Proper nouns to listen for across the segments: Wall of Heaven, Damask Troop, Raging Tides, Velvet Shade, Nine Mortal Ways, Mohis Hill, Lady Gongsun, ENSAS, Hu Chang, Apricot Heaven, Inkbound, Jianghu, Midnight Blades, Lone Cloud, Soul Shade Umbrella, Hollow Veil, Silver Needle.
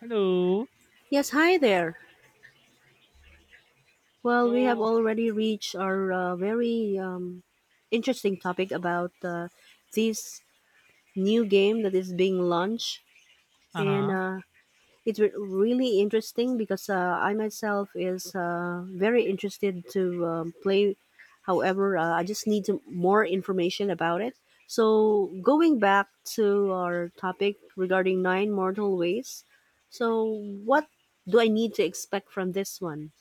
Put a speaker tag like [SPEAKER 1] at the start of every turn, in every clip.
[SPEAKER 1] Hello.
[SPEAKER 2] Yes, hi there. Well, we have
[SPEAKER 1] So,
[SPEAKER 2] already reached our very interesting topic about this new game that is being launched, and
[SPEAKER 1] uh-huh.
[SPEAKER 2] it's really interesting because I myself is very interested to play. However, I just need to, more information about it. So, going back to our topic regarding Nine Mortal Ways, so what do I need to expect from this one?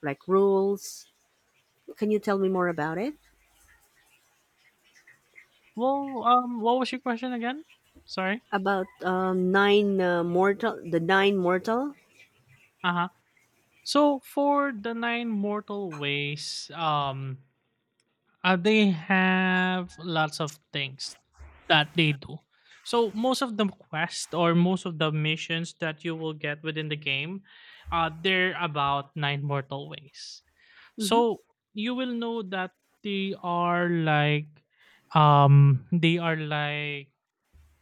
[SPEAKER 2] Like rules. Can you tell me more about it?
[SPEAKER 1] What was your question again? Sorry.
[SPEAKER 2] About the Nine Mortal.
[SPEAKER 1] Uh-huh. So for the nine mortal ways, they have lots of things that they do. So most of the quest or most of the missions that you will get within the game, they're about nine mortal ways.
[SPEAKER 2] Mm-hmm.
[SPEAKER 1] So you will know that they are like, they are like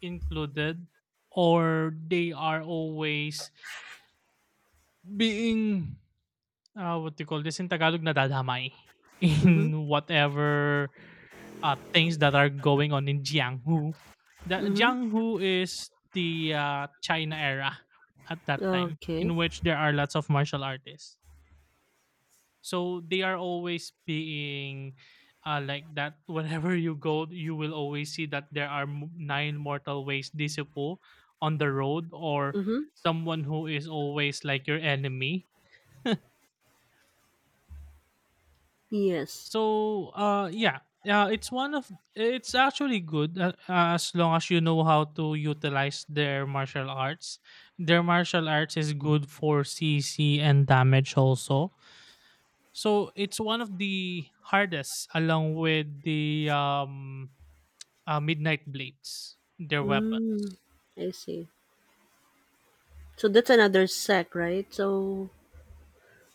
[SPEAKER 1] included or they are always being what do you call this in Tagalog nadadamay
[SPEAKER 2] Mm-hmm.
[SPEAKER 1] in whatever things that are going on in Jianghu. The
[SPEAKER 2] Mm-hmm.
[SPEAKER 1] Jianghu is the China era at that time
[SPEAKER 2] Okay.
[SPEAKER 1] in which there are lots of martial artists. So they are always being like that. Whenever you go, you will always see that there are nine mortal ways disipu on the road or
[SPEAKER 2] Mm-hmm.
[SPEAKER 1] someone who is always like your enemy.
[SPEAKER 2] Yes.
[SPEAKER 1] So yeah, it's one of it's actually good as long as you know how to utilize their martial arts. Their martial arts is good for CC and damage also. So it's one of the hardest, along with the Midnight Blades, their
[SPEAKER 2] Mm,
[SPEAKER 1] weapons.
[SPEAKER 2] I see. So that's another sect, right? So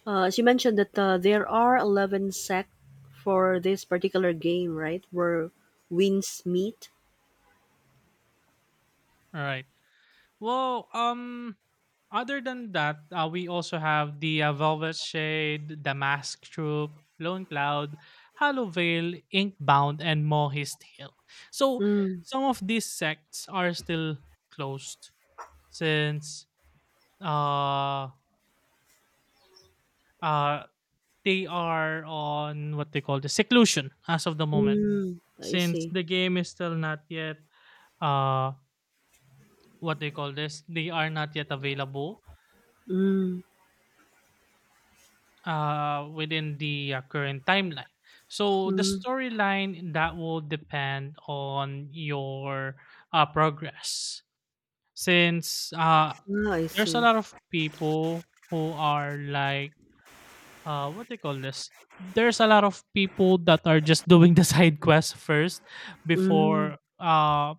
[SPEAKER 2] as you mentioned that there are 11 sect for this particular game, right? Where Winds Meet.
[SPEAKER 1] All right. Well, other than that, we also have the Velvet Shade, Damask Troop, Lone Cloud, Hollow Veil, Inkbound, and Mohis Hill. So
[SPEAKER 2] Mm,
[SPEAKER 1] some of these sects are still closed since uh uh they are on what they call the seclusion as of the moment,
[SPEAKER 2] mm, I
[SPEAKER 1] since
[SPEAKER 2] see.
[SPEAKER 1] the game is still not yet uh what they call this they are not yet available
[SPEAKER 2] Mm,
[SPEAKER 1] within the current timeline. So the
[SPEAKER 2] mm,
[SPEAKER 1] storyline that will depend on your progress, since
[SPEAKER 2] ah, I
[SPEAKER 1] there's a
[SPEAKER 2] see.
[SPEAKER 1] lot of people who are like what they call this there's a lot of people that are just doing the side quest first,
[SPEAKER 2] Mm,
[SPEAKER 1] before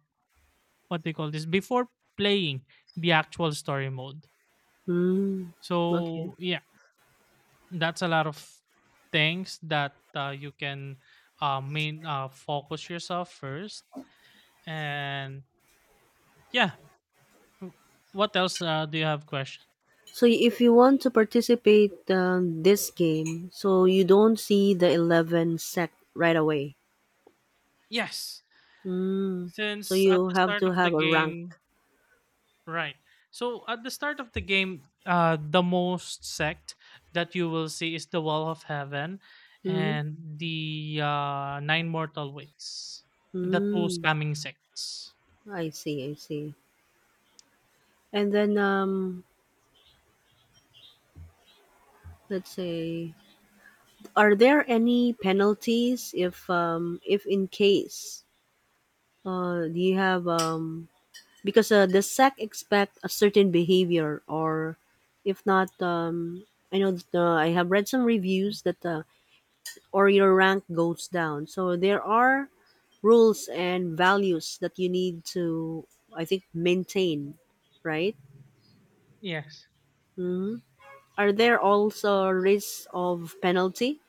[SPEAKER 1] what they call this before playing the actual story mode.
[SPEAKER 2] mm, okay.
[SPEAKER 1] So yeah, that's a lot of things that you can main focus yourself first. And yeah, w- what else do you have question.
[SPEAKER 2] So if you want to participate this game, so you don't see the 11 set right away.
[SPEAKER 1] Yes,
[SPEAKER 2] Mm. So
[SPEAKER 1] since at
[SPEAKER 2] you
[SPEAKER 1] the
[SPEAKER 2] have
[SPEAKER 1] start
[SPEAKER 2] to
[SPEAKER 1] of the
[SPEAKER 2] have a rank.
[SPEAKER 1] game. Right. So at the start of the game, the most sect that you will see is the Wall of Heaven
[SPEAKER 2] Mm-hmm.
[SPEAKER 1] and the Nine Mortal Ways, the two
[SPEAKER 2] Mm.
[SPEAKER 1] scamming sects.
[SPEAKER 2] I see, I see. And then let's say are there any penalties if in case do you have because the sec expect a certain behavior or if not I know that, I have read some reviews that or your rank goes down. So there are rules and values that you need to, I think, maintain, right?
[SPEAKER 1] Yes.
[SPEAKER 2] Mhm. Are there also risks of penalty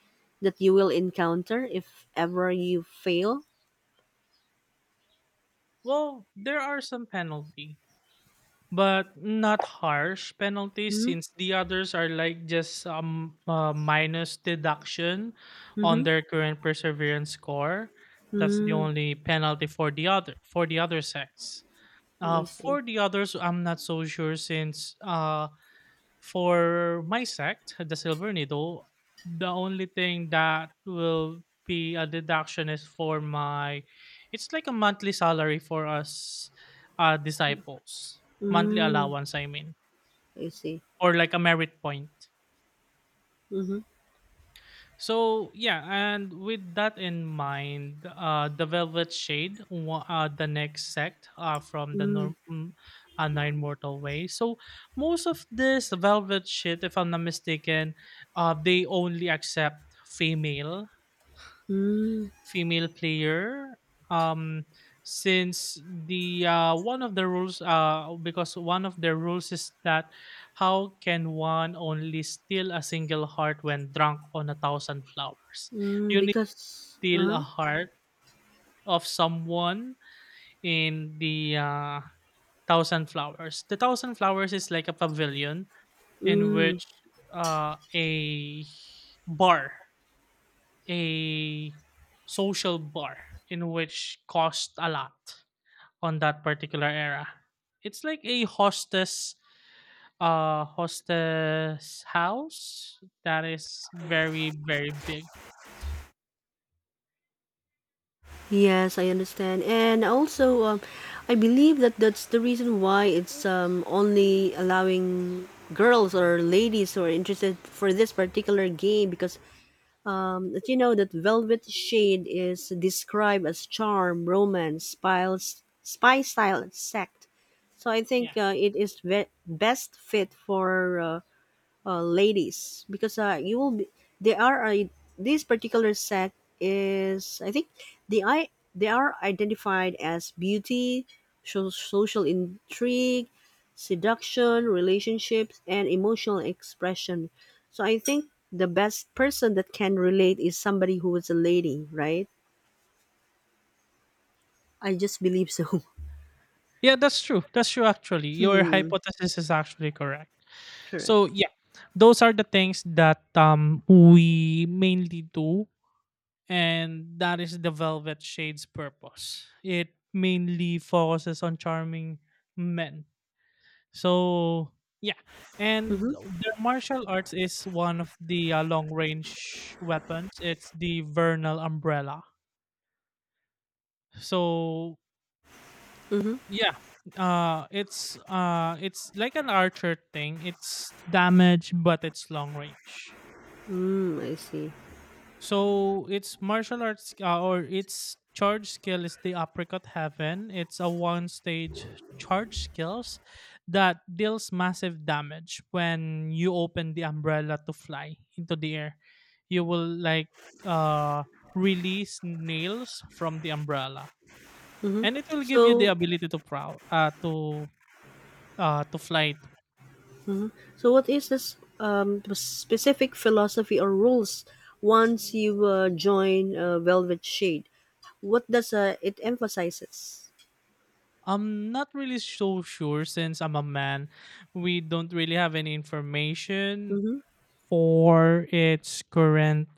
[SPEAKER 2] that you will encounter if ever you fail?
[SPEAKER 1] Well, there are some penalty, but not harsh penalties,
[SPEAKER 2] Mm-hmm.
[SPEAKER 1] since the others are like just minus deduction on
[SPEAKER 2] Mm-hmm.
[SPEAKER 1] their current perseverance score. That's the
[SPEAKER 2] Mm,
[SPEAKER 1] only penalty for the other sects.
[SPEAKER 2] I see.
[SPEAKER 1] For the others, I'm not so sure since for my sect, the Silver Needle, the only thing that will be a deduction is for my, it's like a monthly salary for us disciples, monthly
[SPEAKER 2] Mm,
[SPEAKER 1] allowance, I mean,
[SPEAKER 2] I see.
[SPEAKER 1] or like a merit point.
[SPEAKER 2] Mm-hmm.
[SPEAKER 1] So yeah, and with that in mind, the Velvet Shade, the next sect from the
[SPEAKER 2] Mm,
[SPEAKER 1] norm, mm, Nine Mortal Way. So most of this Velvet Shade, if I'm not mistaken, they only accept female
[SPEAKER 2] mm,
[SPEAKER 1] female player, um since the one of the rules, because one of the rules is that how can one only steal a single heart when drunk on a thousand flowers.
[SPEAKER 2] mm,
[SPEAKER 1] You need to
[SPEAKER 2] because,
[SPEAKER 1] steal a
[SPEAKER 2] uh-huh.
[SPEAKER 1] heart of someone in the thousand flowers. The thousand flowers is like a pavilion in
[SPEAKER 2] Mm.
[SPEAKER 1] which a bar, a social bar, in which cost a lot on that particular era. It's like a hostess house that is very very big.
[SPEAKER 2] Yes, I understand. And also, I believe that that's the reason why it's only allowing girls or ladies who are interested for this particular game because that you know that Velvet Shade is described as charm, romance, spiles, spy style sect. So I
[SPEAKER 1] Yeah.
[SPEAKER 2] think it is best fit for ladies because you will be they are a, this particular sect is I think the I they are identified as beauty, so, social intrigue, seduction, relationships, and emotional expression. So I think the best person that can relate is somebody who is a lady, right? I just believe so.
[SPEAKER 1] Yeah, that's true. That's true actually. Your
[SPEAKER 2] Hmm.
[SPEAKER 1] hypothesis is actually correct.
[SPEAKER 2] Correct.
[SPEAKER 1] So yeah, those are the things that we mainly do, and that is the Velvet Shade's purpose. It mainly focuses on charming men. So yeah, and
[SPEAKER 2] Mm-hmm.
[SPEAKER 1] their martial arts is one of the long range weapons. It's the vernal umbrella. So
[SPEAKER 2] Mm-hmm.
[SPEAKER 1] yeah, it's like an archer thing. It's damage, but it's long range.
[SPEAKER 2] Mm, I see.
[SPEAKER 1] So its martial arts, or its charge skill, is the Apricot Heaven. It's a one stage charge skills that deals massive damage when you open the umbrella to fly into the air. You will like uh release nails from the umbrella,
[SPEAKER 2] Mm-hmm.
[SPEAKER 1] and it will give you the
[SPEAKER 2] So
[SPEAKER 1] ability to prow to fly too.
[SPEAKER 2] So, what is this specific philosophy or rules once you join Velvet Shade? What does it emphasizes?
[SPEAKER 1] I'm not really so sure since I'm a man. We don't really have any information
[SPEAKER 2] Mm-hmm.
[SPEAKER 1] for its current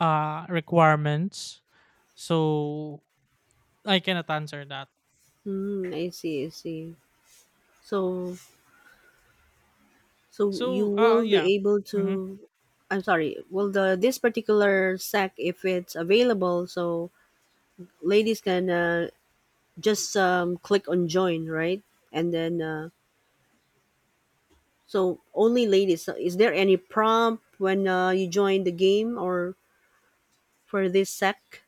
[SPEAKER 1] requirements. So I cannot answer that.
[SPEAKER 2] Mm, I see. I see. So, so, you
[SPEAKER 1] So
[SPEAKER 2] will
[SPEAKER 1] yeah.
[SPEAKER 2] be able
[SPEAKER 1] Mhm.
[SPEAKER 2] to. I'm sorry. Well, the this particular sack, if it's available, so ladies can just click on join, right? And then, so only ladies. So is there any prompt when you join the game, or for this sec?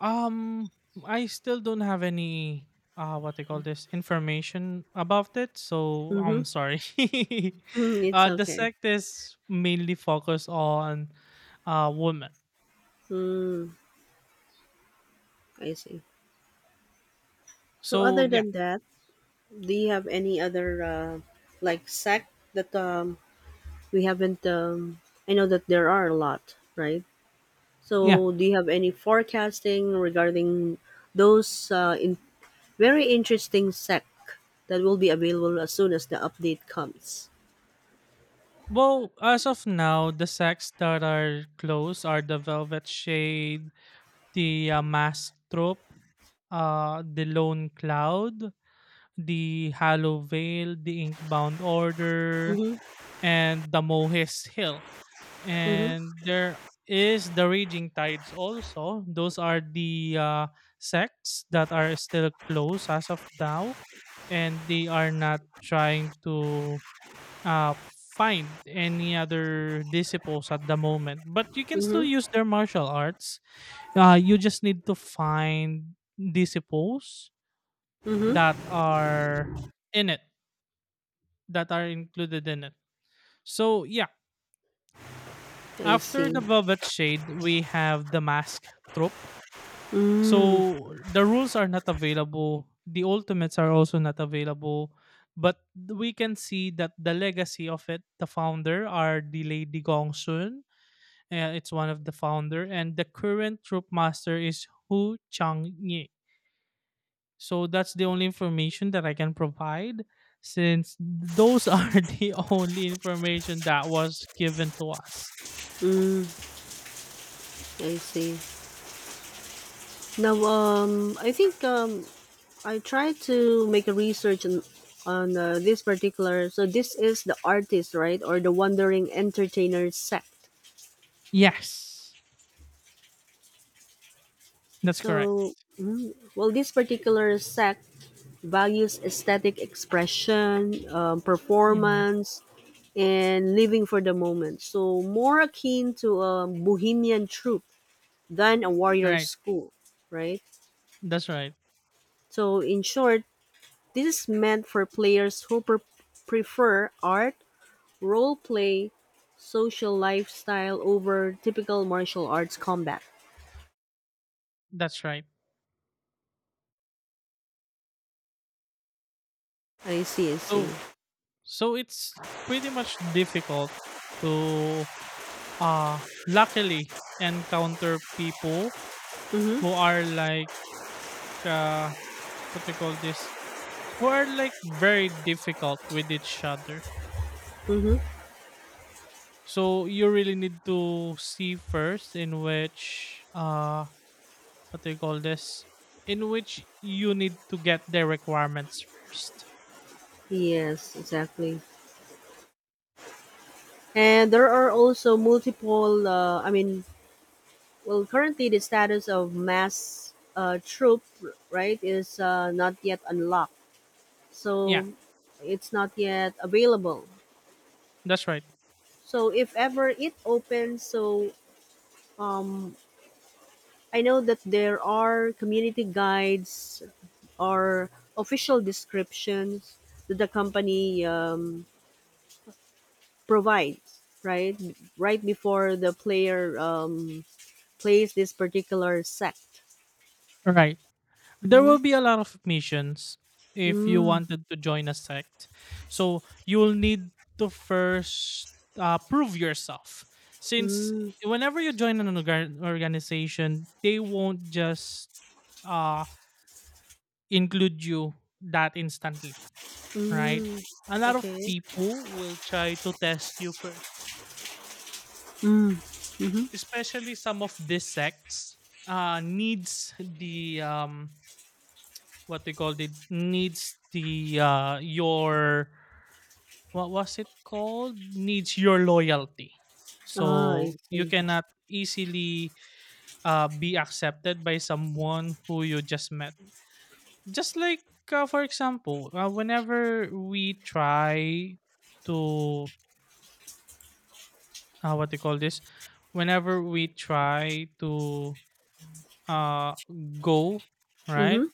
[SPEAKER 1] Um I still don't have any what they call this information about it. So
[SPEAKER 2] Mhm.
[SPEAKER 1] I'm sorry.
[SPEAKER 2] Mm, it's
[SPEAKER 1] The
[SPEAKER 2] okay.
[SPEAKER 1] sect is mainly focused on women.
[SPEAKER 2] Mm, I see. So
[SPEAKER 1] So
[SPEAKER 2] other
[SPEAKER 1] yeah.
[SPEAKER 2] than that, do you have any other like sec that we haven't I know that there are a lot, right?
[SPEAKER 1] Yeah.
[SPEAKER 2] So do you have any forecasting regarding those in very interesting sec that will be available as soon as the update comes?
[SPEAKER 1] Well, as of now, the sects that are close are the Velvet Shade, the mass troop, the lone cloud, the hollow veil, the inkbound order,
[SPEAKER 2] Mhm.
[SPEAKER 1] and the Mohes Hill.
[SPEAKER 2] Mhm.
[SPEAKER 1] And there is the Raging Tides also. Those are the sects that are still closed as of now, and they are not trying to uh, find any other disciples at the moment. But you can still
[SPEAKER 2] Mhm.
[SPEAKER 1] use their martial arts. You just need to find disciples
[SPEAKER 2] Mhm.
[SPEAKER 1] that are in it, that are included in it. So yeah,
[SPEAKER 2] I
[SPEAKER 1] after the
[SPEAKER 2] see.
[SPEAKER 1] Velvet Shade, we have the Mask Troop.
[SPEAKER 2] Mm,
[SPEAKER 1] So the rules are not available. The ultimates are also not available. But we can see that the legacy of it, the founder are the Lady Gongsun. It's one of the founder. And the current troop master is Hu Chang. So that's the only information that I can provide, since those are the only information that was given to us.
[SPEAKER 2] I see. Now, I think I tried to make a research on this particular. So this is the artist, right, or the wandering entertainer sect.
[SPEAKER 1] Yes, that's correct.
[SPEAKER 2] So, well, this particular sect values aesthetic expression,
[SPEAKER 1] Mm-hmm.
[SPEAKER 2] performance, and living for the moment. So more akin to a bohemian troupe than a warrior
[SPEAKER 1] Right.
[SPEAKER 2] school, right?
[SPEAKER 1] That's right.
[SPEAKER 2] So in short, this is meant for players who prefer art, role play, social lifestyle over typical martial arts combat.
[SPEAKER 1] That's right.
[SPEAKER 2] I see, I see.
[SPEAKER 1] So so it's pretty much difficult to uh luckily encounter people who
[SPEAKER 2] Mm-hmm.
[SPEAKER 1] are like uh what do you call this? Who are like very difficult with each other.
[SPEAKER 2] Mm-hmm.
[SPEAKER 1] So you really need to see first in which what do you call this? In which you need to get their requirements first.
[SPEAKER 2] Yes, exactly. And there are also multiple. I mean, well, currently the status of mass troop, right, is not yet unlocked.
[SPEAKER 1] Yeah,
[SPEAKER 2] So it's not yet available.
[SPEAKER 1] that's right.
[SPEAKER 2] So if ever it opens, So um, I know that there are community guides or official descriptions that the company provides, right? Right before the player plays this particular sect.
[SPEAKER 1] Right. There
[SPEAKER 2] Mm-hmm.
[SPEAKER 1] will be a lot of missions if you
[SPEAKER 2] Mm,
[SPEAKER 1] wanted to join a sect. So you'll need to first prove yourself. Since
[SPEAKER 2] mm,
[SPEAKER 1] whenever you join an organization, they won't just uh, include you that instantly, right?
[SPEAKER 2] mm.
[SPEAKER 1] A lot of
[SPEAKER 2] Okay.
[SPEAKER 1] people will try to test you first,
[SPEAKER 2] Mm, mm-hmm.
[SPEAKER 1] especially some of these sects needs the what they call it needs the your what was it called needs your loyalty.
[SPEAKER 2] Ah, I
[SPEAKER 1] So you
[SPEAKER 2] see.
[SPEAKER 1] cannot easily be accepted by someone who you just met, just like for example, whenever we try to what do you call this whenever we try to uh go right.
[SPEAKER 2] Mm-hmm.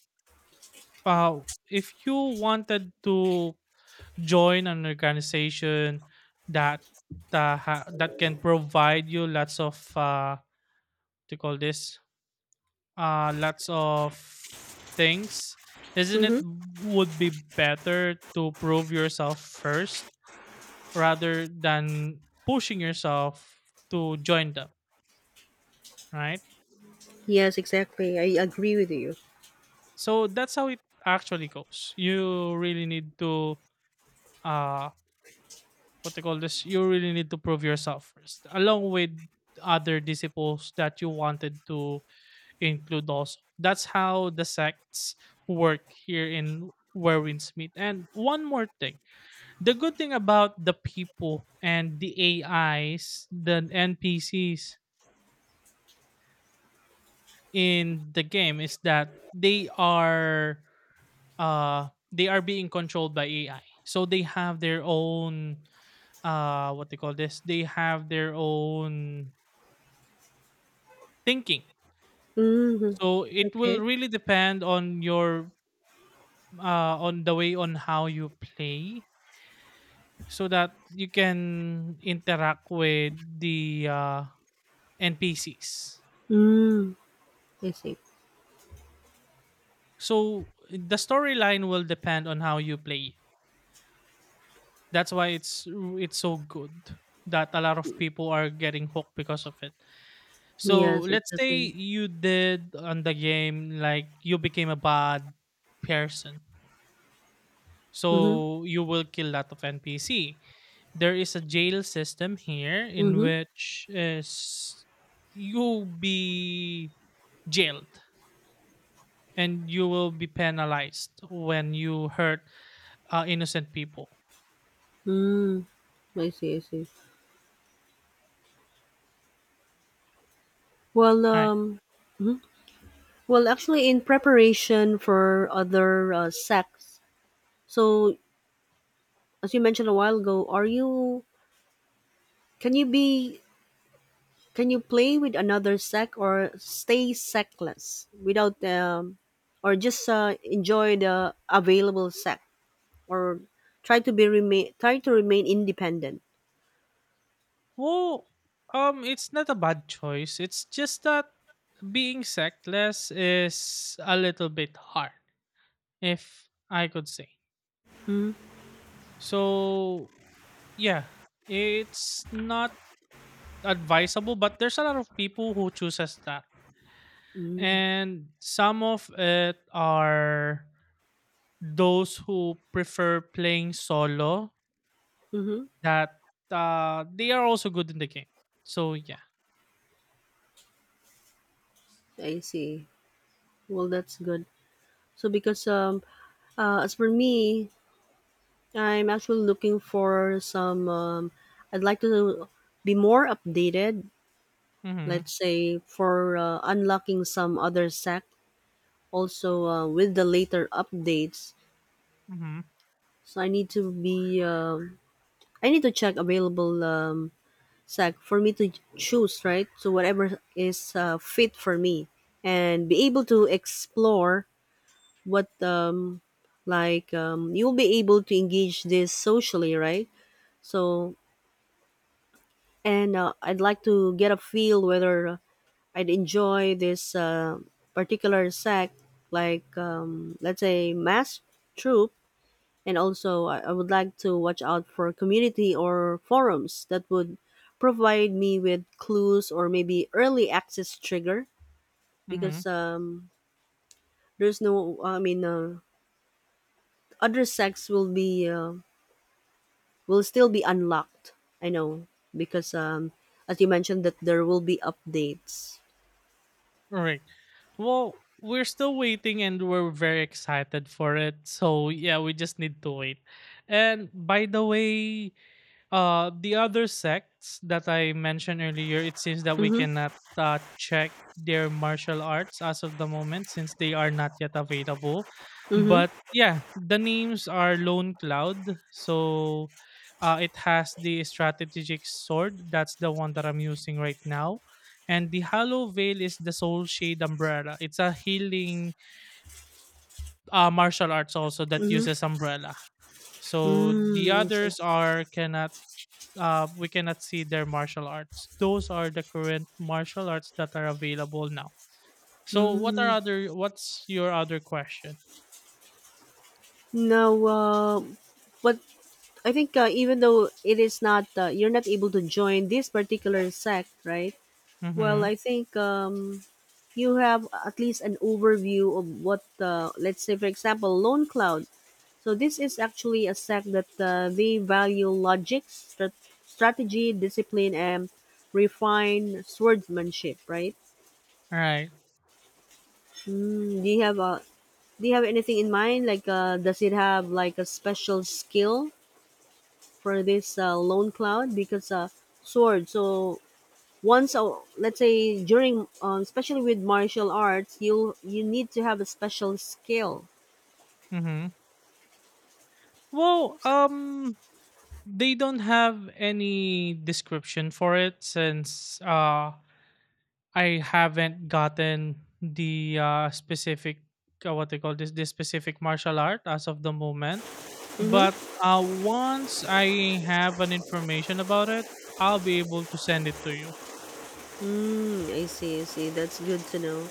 [SPEAKER 1] uh if you wanted to join an organization that that can provide you lots of what do you call this lots of things, isn't it,
[SPEAKER 2] Mm-hmm.
[SPEAKER 1] would be better to prove yourself first rather than pushing yourself to join them, right?
[SPEAKER 2] Yes, exactly. I agree with you.
[SPEAKER 1] So that's how it actually goes. You really need to uh what they call this, you really need to prove yourself first, along with other disciples that you wanted to include also. That's how the sects work here in where winds meet. And one more thing. The good thing about the people and the AIs, the NPCs in the game is that they are being controlled by AI. So they have their own what they call this? They have their own thinking.
[SPEAKER 2] Mm-hmm.
[SPEAKER 1] So it will
[SPEAKER 2] Okay.
[SPEAKER 1] really depend on your on the way on how you play, so that you can interact with the NPCs.
[SPEAKER 2] Mm, I see.
[SPEAKER 1] So the storyline will depend on how you play. That's why it's so good that a lot of people are getting hooked because of it. So
[SPEAKER 2] Yes,
[SPEAKER 1] let's say
[SPEAKER 2] exactly.
[SPEAKER 1] you did on the game like you became a bad person.
[SPEAKER 2] Mm-hmm.
[SPEAKER 1] So you will kill lot of NPC. There is a jail system here in
[SPEAKER 2] Mm-hmm.
[SPEAKER 1] which is you'll be jailed and you will be penalized when you hurt innocent people.
[SPEAKER 2] Mm, I see. I see. Well,
[SPEAKER 1] Alright.
[SPEAKER 2] well, actually, in preparation for other sects. So, as you mentioned a while ago, are you can you be can you play with another sect or stay sectless without or just enjoy the available sect or try to remain independent.
[SPEAKER 1] Well, it's not a bad choice. It's just that being sexless is a little bit hard, if I could say. So yeah, it's not advisable, but there's a lot of people who chooses that.
[SPEAKER 2] Mm-hmm.
[SPEAKER 1] And some of it are those who prefer playing solo,
[SPEAKER 2] Mm-hmm.
[SPEAKER 1] that they are also good in the game. So yeah.
[SPEAKER 2] I see. Well, that's good. So because as for me, I'm actually looking for some. I'd like to be more updated.
[SPEAKER 1] Mm-hmm.
[SPEAKER 2] Let's say for unlocking some other sec. Also with the later updates,
[SPEAKER 1] Mm-hmm.
[SPEAKER 2] so I need to be. I need to check available sec for me to choose right. So whatever is fit for me, and be able to explore what you'll be able to engage this socially, right? So and I'd like to get a feel whether I'd enjoy this particular sect, like let's say mass troop, and also I would like to watch out for community or forums that would provide me with clues or maybe early access trigger
[SPEAKER 1] Mm-hmm.
[SPEAKER 2] because there's no I mean other sects will be will still be unlocked. I know because as you mentioned that there will be updates.
[SPEAKER 1] All right. Well, we're still waiting and we're very excited for it. So, yeah, we just need to wait. And by the way, the other sects that I mentioned earlier, it seems that we
[SPEAKER 2] Mm-hmm.
[SPEAKER 1] cannot check their martial arts as of the moment, since they are not yet available. But
[SPEAKER 2] Mm-hmm.
[SPEAKER 1] yeah, the names are Lone Cloud. So it has the strategic sword. That's the one that I'm using right now. And the Hollow Veil is the Soul Shade Umbrella. It's a healing martial arts also that
[SPEAKER 2] Mhm.
[SPEAKER 1] uses umbrella. So the
[SPEAKER 2] Mm, I see.
[SPEAKER 1] others are cannot we cannot see their martial arts. Those are the current martial arts that are available now. So, what are
[SPEAKER 2] Mm.
[SPEAKER 1] other? What's your other question?
[SPEAKER 2] Now, but I think even though it is not, you're not able to join this particular sect, right? Well,
[SPEAKER 1] Mm-hmm.
[SPEAKER 2] I think you have at least an overview of what, let's say, for example, Lone Cloud. So this is actually a sect that they value logic, strategy, discipline, and refined swordsmanship, right?
[SPEAKER 1] Right.
[SPEAKER 2] Mm, do you have anything in mind? Like, does it have like a special skill for this lone cloud? Because sword. So once, let's say during, especially with martial arts, you need to have a special skill.
[SPEAKER 1] Mm-hmm. Well, they don't have any description for it since I haven't gotten the specific what they call this, this specific martial art as of the moment. But
[SPEAKER 2] Mm-hmm.
[SPEAKER 1] once I have an information about it, I'll be able to send it to you.
[SPEAKER 2] Mm, I see. I see. That's good to know.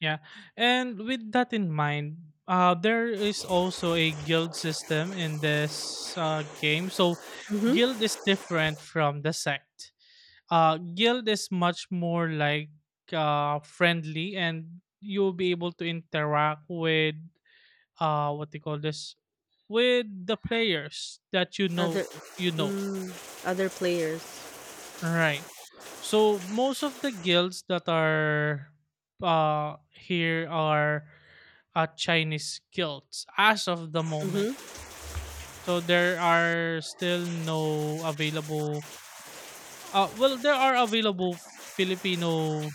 [SPEAKER 1] Yeah, and with that in mind, there is also a guild system in this game. So,
[SPEAKER 2] Mm-hmm.
[SPEAKER 1] guild is different from the sect. Guild is much more like friendly, and you'll be able to interact with what they call this, with the players that you
[SPEAKER 2] Other,
[SPEAKER 1] know you know
[SPEAKER 2] mm, other players.
[SPEAKER 1] Right, so most of the guilds that are here are Chinese guilds as of the moment.
[SPEAKER 2] Mm-hmm.
[SPEAKER 1] So there are still no available well, there are available Filipino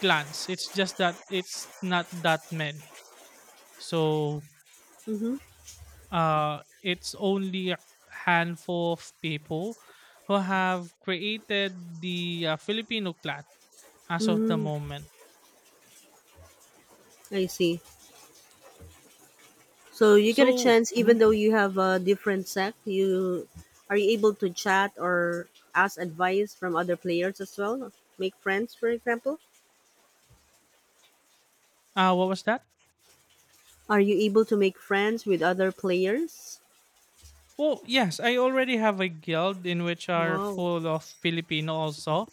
[SPEAKER 1] clans. It's just that it's not that many. So
[SPEAKER 2] Mm-hmm.
[SPEAKER 1] it's only a handful of people who have created the Filipino clan as of the
[SPEAKER 2] Mm-hmm.
[SPEAKER 1] moment.
[SPEAKER 2] I see. So you get a
[SPEAKER 1] So,
[SPEAKER 2] chance, even though
[SPEAKER 1] mhm.
[SPEAKER 2] you have a different sect, you are you able to chat or ask advice from other players as well? Make friends, for example.
[SPEAKER 1] What was that?
[SPEAKER 2] Are you able to make friends with other players?
[SPEAKER 1] Well, yes, I already have a guild in which are
[SPEAKER 2] Wow.
[SPEAKER 1] full of Filipino also,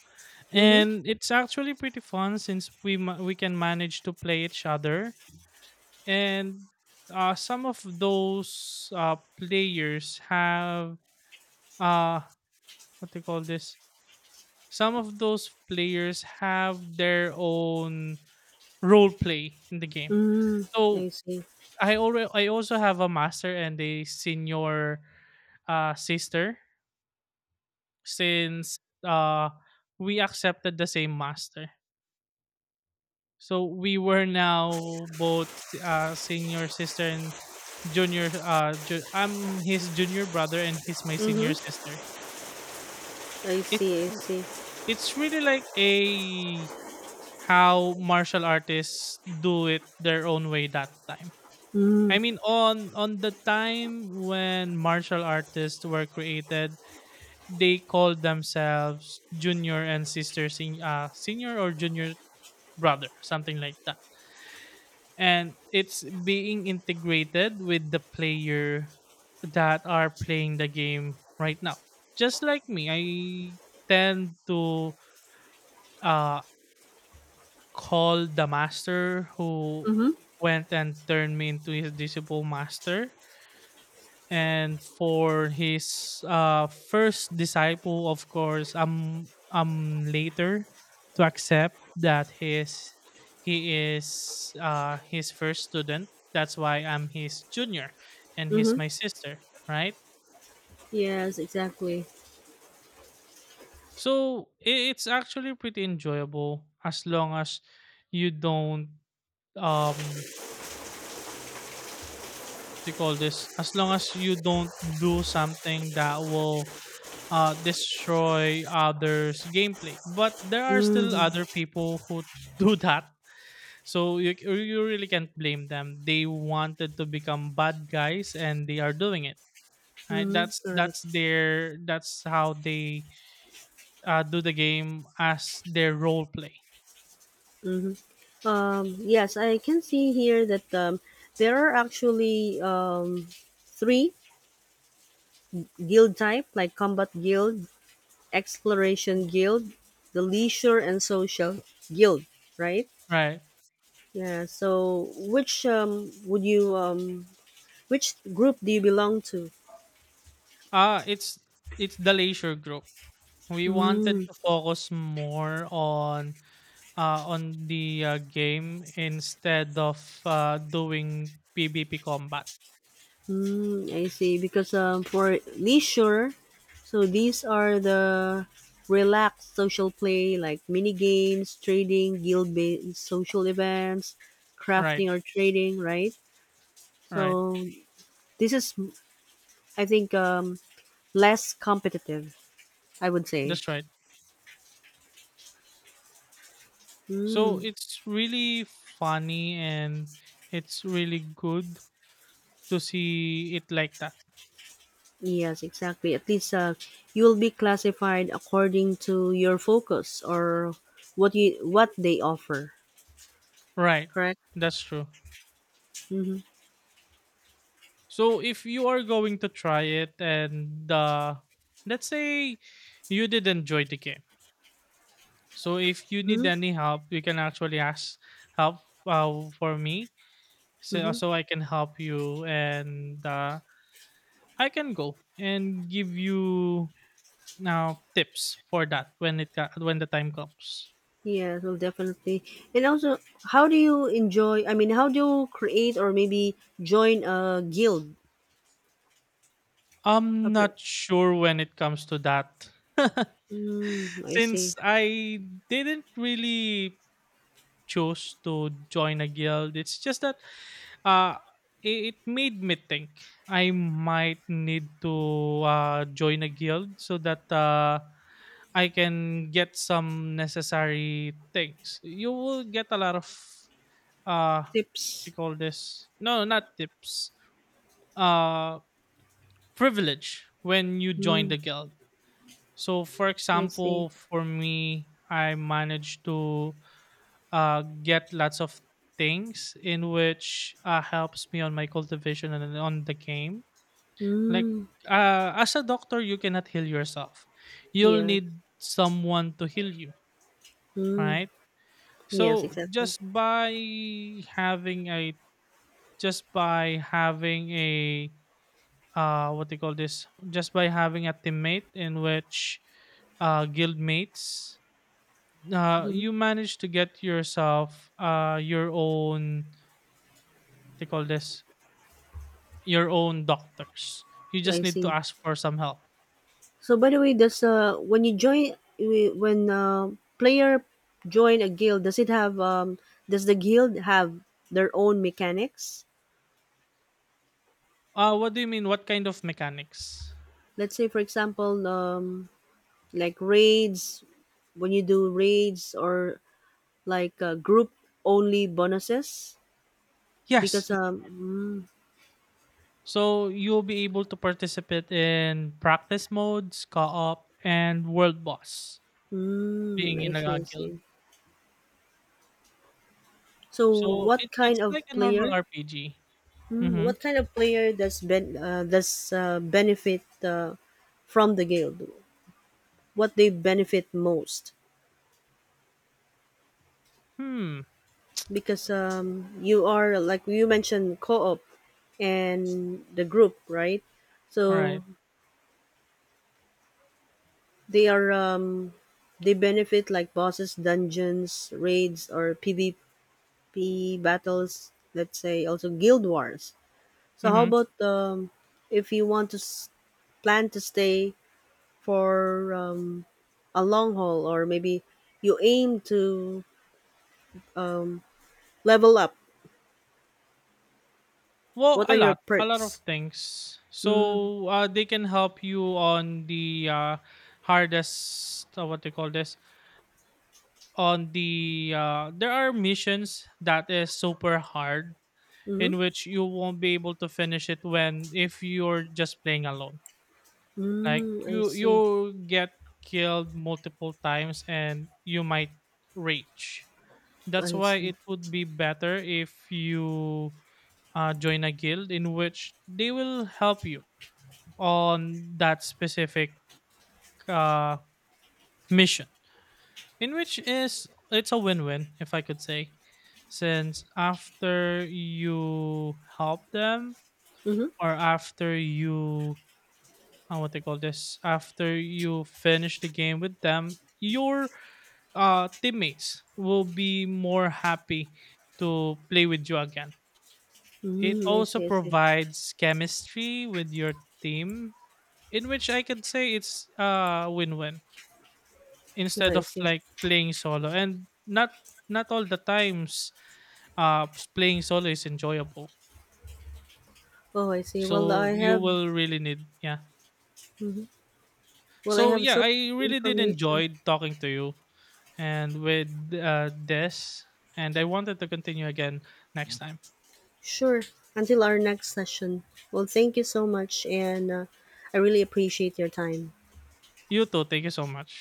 [SPEAKER 2] Mhm.
[SPEAKER 1] and it's actually pretty fun since we can manage to play each other. And some of those players have uh what do you call this, some of those players have their own role play in the game.
[SPEAKER 2] Mm. I
[SPEAKER 1] So
[SPEAKER 2] see.
[SPEAKER 1] I also have a master and a senior sister, since uh we accepted the same master, so we were now both senior sister and junior I'm his junior brother and he's my senior
[SPEAKER 2] Mhm.
[SPEAKER 1] sister.
[SPEAKER 2] I
[SPEAKER 1] It's
[SPEAKER 2] see. I see.
[SPEAKER 1] it's really like a how martial artists do it their own way that time. I
[SPEAKER 2] Mm.
[SPEAKER 1] mean, on the time when martial artists were created, they called themselves junior and senior or junior brother, something like that. And it's being integrated with the player that are playing the game right now. Just like me, I tend to uh, call the master who
[SPEAKER 2] Mhm.
[SPEAKER 1] went and turned me into his disciple master, and for his first disciple, of course, later to accept that his he is his first student. That's why I'm his junior, and he's
[SPEAKER 2] Mhm.
[SPEAKER 1] my sister, right?
[SPEAKER 2] Yes, exactly.
[SPEAKER 1] So it's actually pretty enjoyable as long as you don't um they call this, as long as you don't do something that will destroy others' gameplay. But there are still
[SPEAKER 2] Mhm.
[SPEAKER 1] other people who do that. So you really can't blame them. They wanted to become bad guys and they are doing it. Right?
[SPEAKER 2] Mhm. Correct.
[SPEAKER 1] That's their that's how they do the game as their role play.
[SPEAKER 2] Mhm. Yes, I can see here that there are actually three Guild type like Combat Guild, Exploration Guild, the Leisure and Social Guild, right?
[SPEAKER 1] Right.
[SPEAKER 2] Yeah. So which would you which group do you belong to?
[SPEAKER 1] Uh it's it's the leisure group. We wanted
[SPEAKER 2] Mm,
[SPEAKER 1] to focus more on the game instead of doing PvP combat.
[SPEAKER 2] mm, I see. Because for leisure, so these are the relaxed social play like mini games, trading, guild-based social events,
[SPEAKER 1] Right,
[SPEAKER 2] crafting or trading, right?
[SPEAKER 1] right.
[SPEAKER 2] So this is, I think, less competitive, I would say.
[SPEAKER 1] That's right. So
[SPEAKER 2] Mm,
[SPEAKER 1] it's really funny and it's really good to see it like that.
[SPEAKER 2] yes, exactly. At least you will be classified according to your focus or what they offer.
[SPEAKER 1] Right.
[SPEAKER 2] Correct.
[SPEAKER 1] That's true.
[SPEAKER 2] Mm-hmm.
[SPEAKER 1] So if you are going to try it and let's say you did enjoy the game. So if you need
[SPEAKER 2] Mm-hmm.
[SPEAKER 1] any help, you can actually ask help for me, so
[SPEAKER 2] Mm-hmm.
[SPEAKER 1] so I can help you and I can go and give you now tips for that when when the time comes.
[SPEAKER 2] Yes, well, definitely. And also, how do you enjoy? I mean, how do you create or maybe join a guild? A
[SPEAKER 1] I'm
[SPEAKER 2] pr-
[SPEAKER 1] not sure when it comes to that.
[SPEAKER 2] Mm, I
[SPEAKER 1] Since
[SPEAKER 2] see.
[SPEAKER 1] I didn't really choose to join a guild, it's just that uh it made me think I might need to join a guild so that I can get some necessary things. You will get a lot of what do you
[SPEAKER 2] Tips.
[SPEAKER 1] call this, no, not tips, uh privilege when you join
[SPEAKER 2] Mm,
[SPEAKER 1] the guild. So, for
[SPEAKER 2] I see.
[SPEAKER 1] example, for me, I managed to get lots of things in which helps me on my cultivation and on the game. Like,
[SPEAKER 2] Mm,
[SPEAKER 1] as a doctor, you cannot heal yourself. You'll
[SPEAKER 2] yeah.
[SPEAKER 1] need someone to heal you,
[SPEAKER 2] Mm,
[SPEAKER 1] right?
[SPEAKER 2] yes,
[SPEAKER 1] So,
[SPEAKER 2] exactly.
[SPEAKER 1] just by having a just by having a what they call this just by having a teammate in which guild mates,
[SPEAKER 2] Mm,
[SPEAKER 1] you manage to get yourself your own what they call this your own doctors. You
[SPEAKER 2] I
[SPEAKER 1] just need to
[SPEAKER 2] see.
[SPEAKER 1] ask for some help.
[SPEAKER 2] So by the way, does when player join a guild, does the guild have their own mechanics?
[SPEAKER 1] What do you mean, what kind of mechanics?
[SPEAKER 2] Let's say for example, like raids when you do raids or like group only bonuses
[SPEAKER 1] Yes,
[SPEAKER 2] because
[SPEAKER 1] so you'll be able to participate in practice modes, co-op, and world boss,
[SPEAKER 2] mm,
[SPEAKER 1] being
[SPEAKER 2] I
[SPEAKER 1] in
[SPEAKER 2] see.
[SPEAKER 1] a
[SPEAKER 2] I
[SPEAKER 1] guild.
[SPEAKER 2] see. So
[SPEAKER 1] So it,
[SPEAKER 2] what kind
[SPEAKER 1] it's
[SPEAKER 2] of
[SPEAKER 1] like a normal
[SPEAKER 2] player?
[SPEAKER 1] RPG.
[SPEAKER 2] Mm,
[SPEAKER 1] Mm-hmm.
[SPEAKER 2] what kind of player does benefit from the guild? What they benefit most
[SPEAKER 1] Hmm.
[SPEAKER 2] because you are like you mentioned co-op and the group, right, so
[SPEAKER 1] Alright.
[SPEAKER 2] they are um, they benefit like bosses, dungeons, raids, or PvP battles, let's say also guild wars. So how
[SPEAKER 1] Mhm.
[SPEAKER 2] about if you want to plan to stay for a long haul, or maybe you aim to level up,
[SPEAKER 1] Well,
[SPEAKER 2] what are your
[SPEAKER 1] a lot of
[SPEAKER 2] perks?
[SPEAKER 1] things. So they can help you on the hardest. What they call this? On the there are missions that is super hard
[SPEAKER 2] Mm-hmm.
[SPEAKER 1] in which you won't be able to finish it when if you're just playing alone. Like
[SPEAKER 2] Mm, I see.
[SPEAKER 1] you get killed multiple times and you might rage. That's
[SPEAKER 2] I
[SPEAKER 1] why
[SPEAKER 2] see.
[SPEAKER 1] it would be better if you join a guild in which they will help you on that specific uh, mission, in which is it's a win-win if I could say, since after you help them
[SPEAKER 2] Mm-hmm.
[SPEAKER 1] or after you what they call this after you finish the game with them, your teammates will be more happy to play with you again. It
[SPEAKER 2] Mm, I
[SPEAKER 1] also
[SPEAKER 2] see. I see.
[SPEAKER 1] provides chemistry with your team, in which I could say it's win-win,
[SPEAKER 2] Yeah,
[SPEAKER 1] instead
[SPEAKER 2] I
[SPEAKER 1] of
[SPEAKER 2] see.
[SPEAKER 1] like playing solo and not, not all the times playing solo is enjoyable.
[SPEAKER 2] Oh, I see. Well,
[SPEAKER 1] So
[SPEAKER 2] I
[SPEAKER 1] you
[SPEAKER 2] have.
[SPEAKER 1] will really need, yeah,
[SPEAKER 2] Mhm. Well, I
[SPEAKER 1] so
[SPEAKER 2] have so
[SPEAKER 1] yeah, I
[SPEAKER 2] much
[SPEAKER 1] really did
[SPEAKER 2] information.
[SPEAKER 1] enjoy talking to you, and with this, and I wanted to continue again next time.
[SPEAKER 2] Sure. Until our next session. Well, thank you so much, and I really appreciate your time.
[SPEAKER 1] You too, thank you so much.